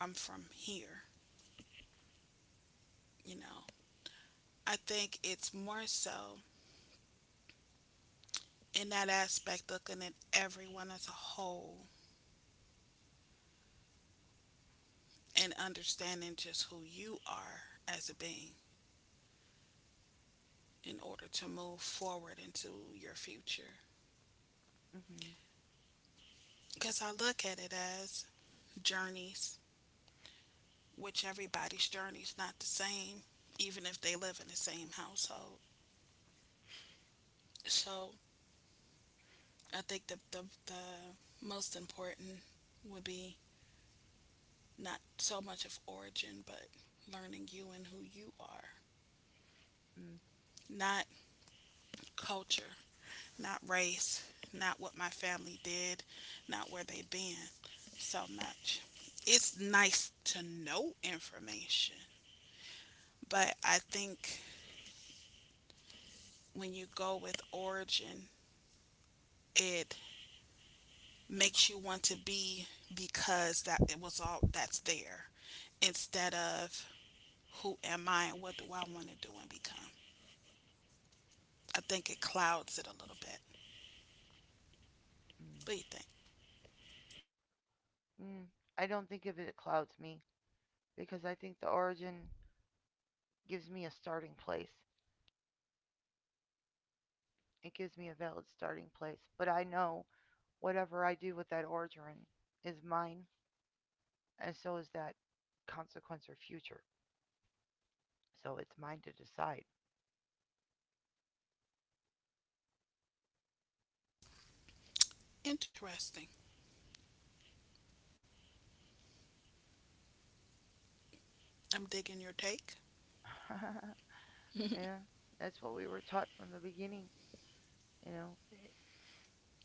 S2: I'm from here, you know. I think it's more so in that aspect looking at everyone as a whole and understanding just who you are as a being in order to move forward into your future.
S1: mm-hmm,
S2: Because I look at it as journeys, which everybody's journey is not the same, even if they live in the same household. So I think the most important would be not so much of origin, but learning you and who you are.
S1: mm,
S2: Not culture, not race, not what my family did, not where they've been so much. It's nice to know information, but I think when you go with origin, it makes you want to be because that it was all that's there instead of who am I and what do I want to do and become? I think it clouds it a little bit.
S1: mm,
S2: What do you think?
S1: mm. I don't think of it clouds me because I think the origin gives me a starting place. It gives me a valid starting place, but I know whatever I do with that origin is mine, and so is that consequence or future. So it's mine to decide.
S2: Interesting. I'm digging your take.
S1: yeah, that's what we were taught from the beginning. You know,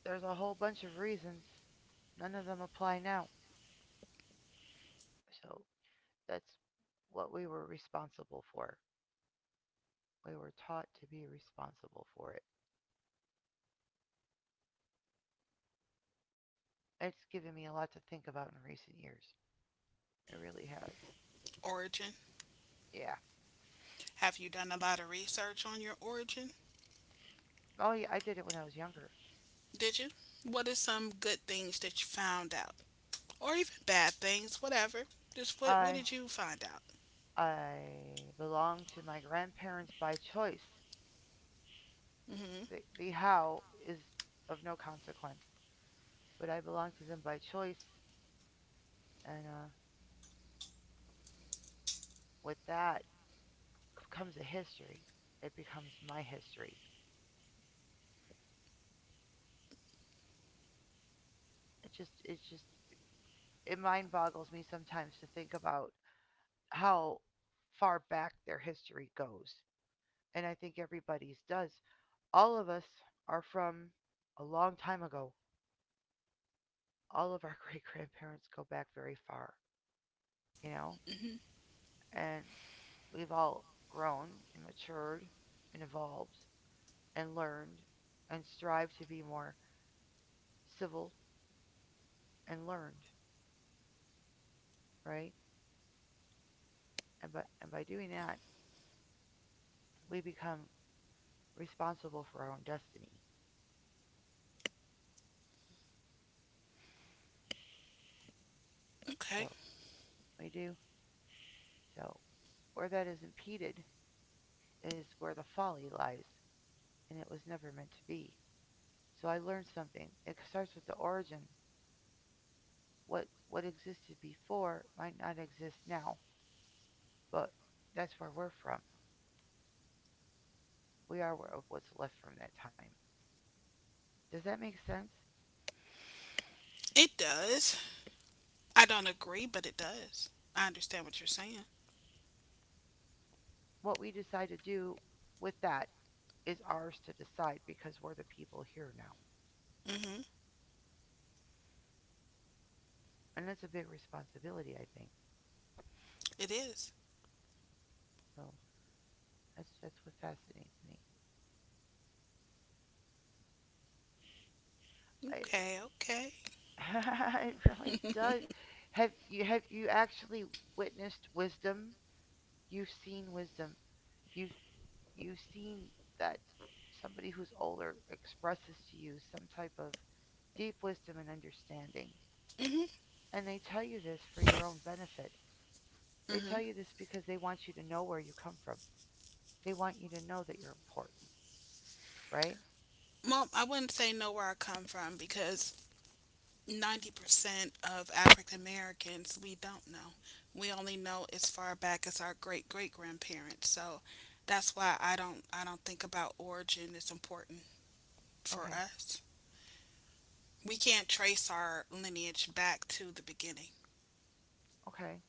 S1: there's a whole bunch of reasons. None of them apply now. So that's what we were responsible for. We were taught to be responsible for it. It's given me a lot to think about in recent years. It really has.
S2: Origin.
S1: Yeah.
S2: Have you done a lot of research on your origin?
S1: Oh, yeah, I did it when I was younger.
S2: Did you? What are some good things that you found out? Or even bad things, whatever. Just what
S1: I
S2: did you find out?
S1: I belong to my grandparents by choice.
S2: Hmm.
S1: The how is of no consequence, but I belong to them by choice, and with that comes a history. It becomes my history. It's just it mind boggles me sometimes to think about how far back their history goes. And I think everybody's does. All of us are from a long time ago. All of our great grandparents go back very far, you know?
S2: Hmm.
S1: And we've all grown and matured and evolved and learned and strived to be more civil and learned, right? And by doing that, we become responsible for our own destiny.
S2: Okay.
S1: So we do. So, where that is impeded is where the folly lies, and it was never meant to be. So I learned something. It starts with the origin. What existed before might not exist now, but that's where we're from. We are what's left from that time. Does that make sense?
S2: It does. I don't agree, but it does. I understand what you're saying.
S1: What we decide to do with that is ours to decide because we're the people here now,
S2: Hmm.
S1: and that's a big responsibility, I think.
S2: It is.
S1: So that's what fascinates me. I,
S2: Okay, okay.
S1: it really does. Have you actually witnessed wisdom? You've seen wisdom. You've you've seen that somebody who's older expresses to you some type of deep wisdom and understanding.
S2: Hmm.
S1: And they tell you this for your own benefit. They
S2: Hmm.
S1: tell you this because they want you to know where you come from. They want you to know that you're important, right?
S2: Well, I wouldn't say know where I come from because 90% of African Americans we don't know. We only know as far back as our great great grandparents. So that's why I don't think about origin is important for
S1: Okay.
S2: us. We can't trace our lineage back to the beginning.
S1: Okay.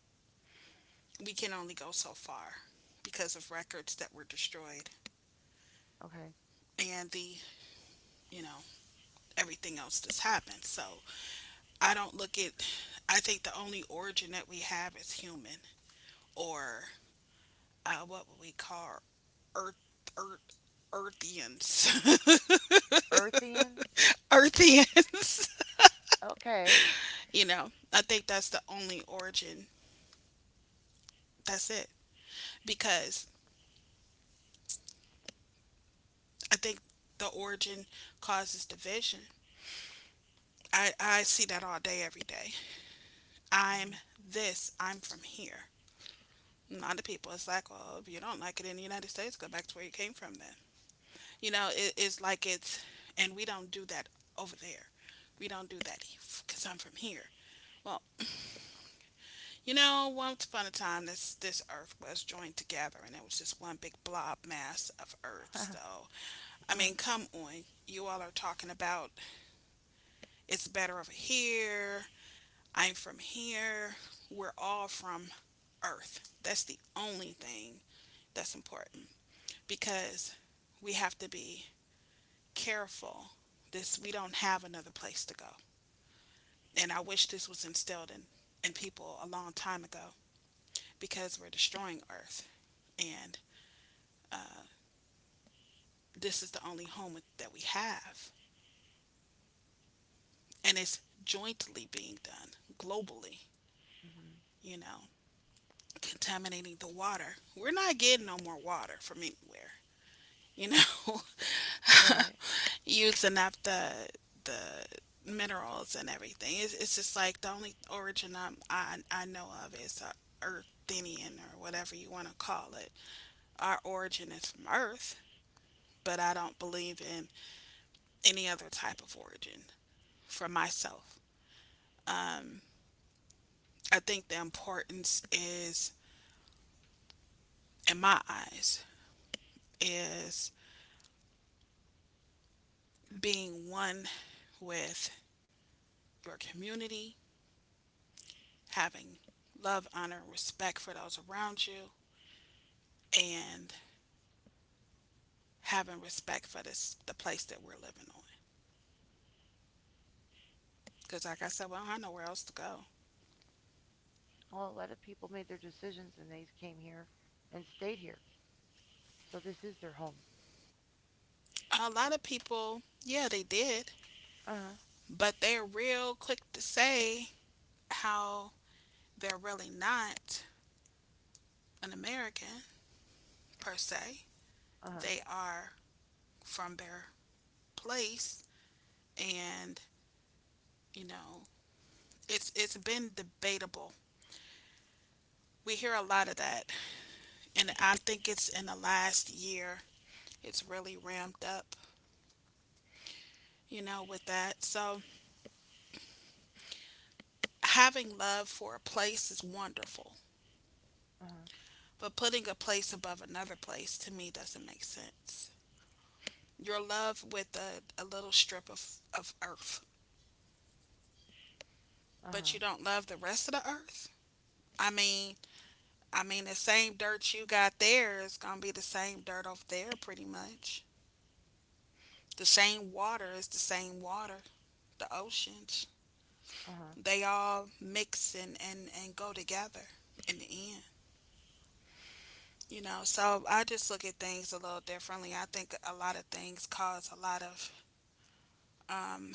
S2: We can only go so far because of records that were destroyed
S1: Okay.
S2: and the, you know, everything else that's happened. So I don't look at I think the only origin that we have is human. Or what would we call earth, earth, earthians,
S1: Earthians?
S2: earthians.
S1: Okay.
S2: You know, I think that's the only origin. That's it because I think the origin causes division. I see that all day, every day.
S1: Mhm.
S2: I'm this. I'm from here. A lot of people, it's like, well, if you don't like it in the United States, go back to where you came from. Then it's like and we don't do that over there. We don't do that because I'm from here. Well, you know, once upon a time, this Earth was joined together, and it was just one big blob mass of Earth. So, I
S1: uh-huh.
S2: mean, come on, you all are talking about it's better over here. I'm from here. We're all from Earth. That's the only thing that's important because we have to be careful. This, we don't have another place to go, and I wish this was instilled in people a long time ago because we're destroying Earth, and this is the only home that we have. And it's jointly being done globally,
S1: Mhm.
S2: you know, contaminating the water. We're not getting no more water from anywhere, you know,
S1: Right.
S2: using up the minerals and everything. It's just like the only origin I know of is Earthenian or whatever you want to call it. Our origin is from Earth, but I don't believe in any other type of origin for myself. I think the importance is, in my eyes, is being one with your community, having love, honor, respect for those around you, and having respect for this the place that we're living on. Because, like I said, we don't have nowhere else to go.
S1: Well, a lot of people made their decisions and they came here and stayed here. So this is their home.
S2: A lot of people, yeah, they did,
S1: Uh huh.
S2: but they're real quick to say how they're really not an American per se.
S1: Uh huh.
S2: They are from their place, and you know it's been debatable. We hear a lot of that, and I think it's in the last year it's really ramped up, you know, with that. So having love for a place is wonderful,
S1: Uh huh.
S2: but putting a place above another place to me doesn't make sense. You're love with a little strip of earth,
S1: Uh
S2: but you
S1: huh.
S2: don't love the rest of the earth. I mean, I mean the same dirt you got there is gonna be the same dirt over there, pretty much. The same water is the same water, the oceans.
S1: Uh huh.
S2: They all mix and go together in the end. You know, so I just look at things a little differently. I think a lot of things cause a lot of. Um,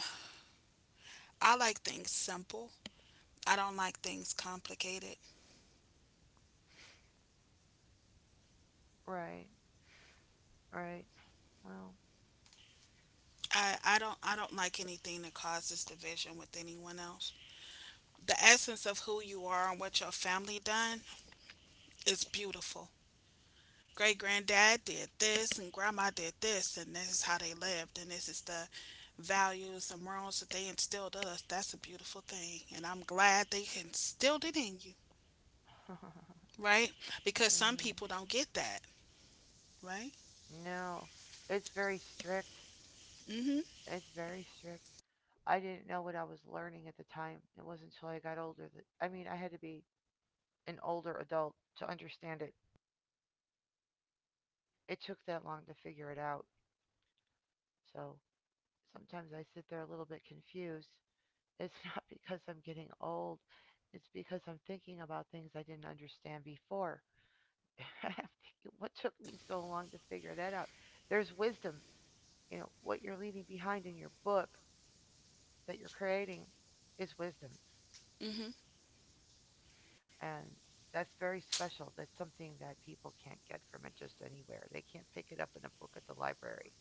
S2: I like things simple. I don't like things complicated.
S1: Right. Right. Well.
S2: I don't like anything that causes division with anyone else. The essence of who you are and what your family done is beautiful. Great granddad did this, and grandma did this, and this is how they lived, and this is the values and morals that they instilled in us. That's a beautiful thing, and I'm glad they instilled it in you. Right, because some
S1: mhm.
S2: people don't get that. Right.
S1: No, it's very strict.
S2: Hmm.
S1: It's very strict. I didn't know what I was learning at the time. It wasn't until I got older that I mean, I had to be an older adult to understand it. It took that long to figure it out. So sometimes I sit there a little bit confused. It's not because I'm getting old. It's because I'm thinking about things I didn't understand before. I'm thinking, what took me so long to figure that out? There's wisdom. You know, what you're leaving behind in your book that you're creating is wisdom.
S2: Hmm.
S1: And that's very special. That's something that people can't get from it just anywhere. They can't pick it up in a book at the library.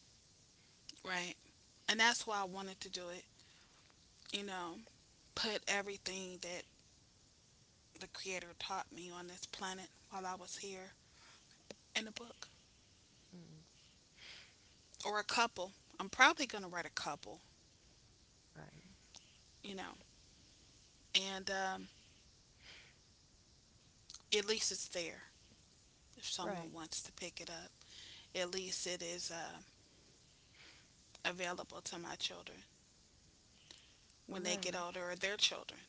S2: Right, and that's why I wanted to do it, you know, put everything that the creator taught me on this planet while I was here in a book,
S1: Mm,
S2: or a couple. I'm probably going to write a couple,
S1: right,
S2: you know. And at least it's there if someone
S1: right,
S2: wants to pick it up. At least it is available to my children when they get older, or their children.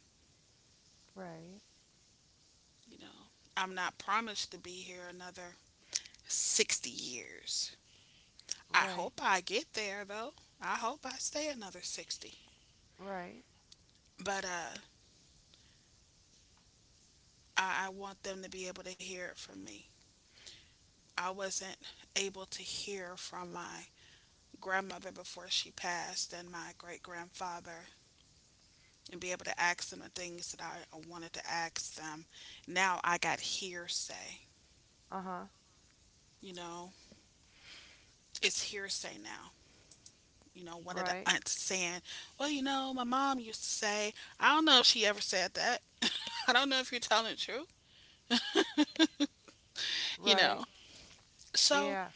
S1: right, right,
S2: You know, I'm not promised to be here another 60 years. I
S1: right,
S2: hope I get there though. I hope I stay another 60.
S1: right,
S2: But I want them to be able to hear it from me. I wasn't able to hear from my grandmother before she passed, and my great grandfather, and be able to ask them the things that I wanted to ask them. Now I got hearsay,
S1: uh huh,
S2: you know, it's hearsay now. You know, one of the
S1: right,
S2: aunts saying, well, you know, my mom used to say, I don't know if she ever said that. I don't know if you're telling the truth, you
S1: right,
S2: know. So,
S1: yeah.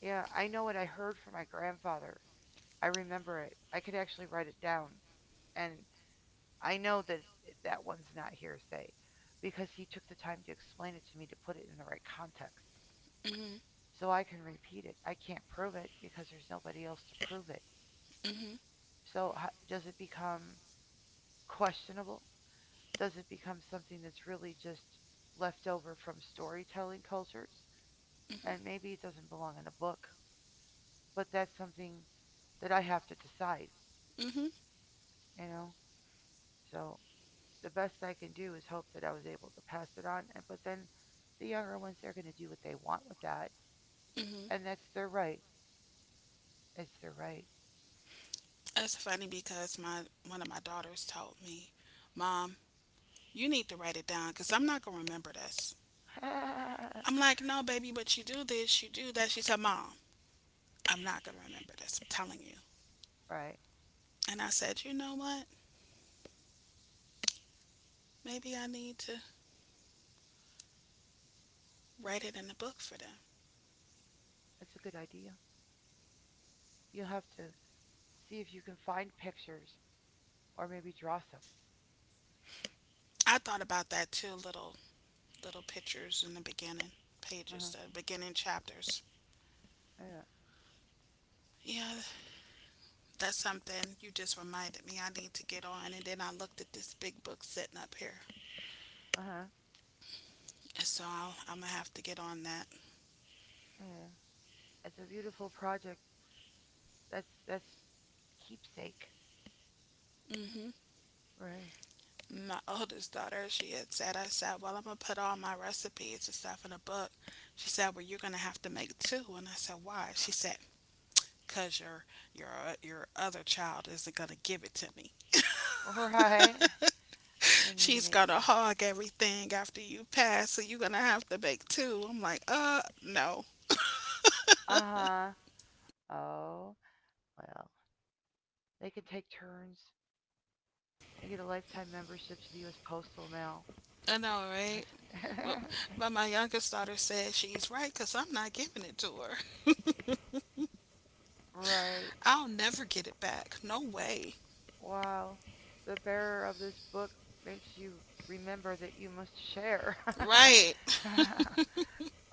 S1: Yeah, I know what I heard from my grandfather. I remember it. I could actually write it down. And I know that it's, that one's not hearsay because he took the time to explain it to me to put it in the right context.
S2: mhm,
S1: So I can repeat it. I can't prove it because there's nobody else to prove it. So does it become questionable? Does it become something that's really just left over from storytelling cultures?
S2: mhm,
S1: And maybe it doesn't belong in a book, but that's something that I have to decide,
S2: mhm,
S1: you know? So the best I can do is hope that I was able to pass it on. And but then the younger ones, they're going to do what they want with that,
S2: mhm.
S1: and that's their right. It's their right.
S2: That's funny because my one of my daughters told me, Mom, you need to write it down because I'm not going to remember this. I'm like, no, baby, but you do this, you do that. She said, Mom, I'm not going to remember this, I'm telling you.
S1: right.
S2: And I said, you know what? Maybe I need to write it in a book for them.
S1: That's a good idea. You'll have to see if you can find pictures or maybe draw some.
S2: I thought about that too, little pictures in the beginning
S1: Uh
S2: pages,
S1: huh.
S2: the beginning chapters.
S1: Yeah.
S2: Yeah, that's something you just reminded me I need to get on. And then I looked at this big book sitting up here.
S1: Uh huh.
S2: And so I'm going to have to get on that.
S1: Yeah. It's a beautiful project. That's keepsake.
S2: Hmm.
S1: Right.
S2: My oldest daughter, she had said, I said, well, I'm going to put all my recipes and stuff in a book. She said, well, you're going to have to make two. And I said, why? She said, because your your other child isn't gonna give it to me.
S1: Right. You need to
S2: She's
S1: make two.
S2: gonna hog everything after you pass, so you're gonna have to make two. I'm like, no.
S1: Uh huh. Oh well. They can take turns. I get a lifetime membership to the U.S. Postal Mail.
S2: I know, right? Well, but my youngest daughter said she's right because I'm not giving it to her.
S1: right.
S2: I'll never get it back. No way.
S1: Wow. The bearer of this book makes you remember that you must share.
S2: Right.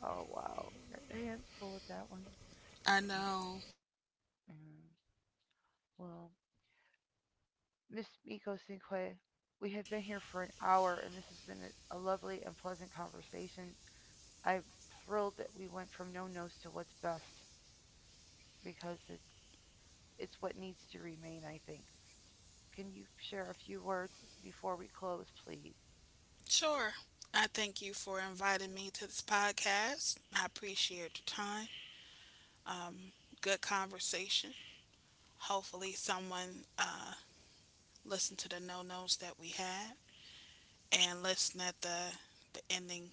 S1: oh, wow. You got your hands full with that one.
S2: I know.
S1: Yes, mm, well, Miss Miko Cinque, we have been here for an hour, and this has been a lovely and pleasant conversation. I'm thrilled that we went from no nos to what's best because it's what needs to remain, I think. Can you share a few words before we close, please?
S2: Sure. I thank you for inviting me to this podcast. I appreciate your time. Um, Good conversation. Hopefully, someone listen to the no nos that we had, and listen at the ending,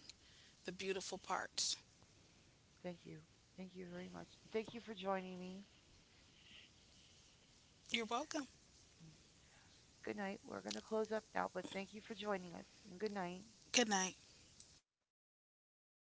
S2: the beautiful parts.
S1: Thank you. Thank you very much. Thank you for joining me.
S2: You're welcome.
S1: Good night. We're going to close up now, but thank you for joining us and good night.
S2: Good night.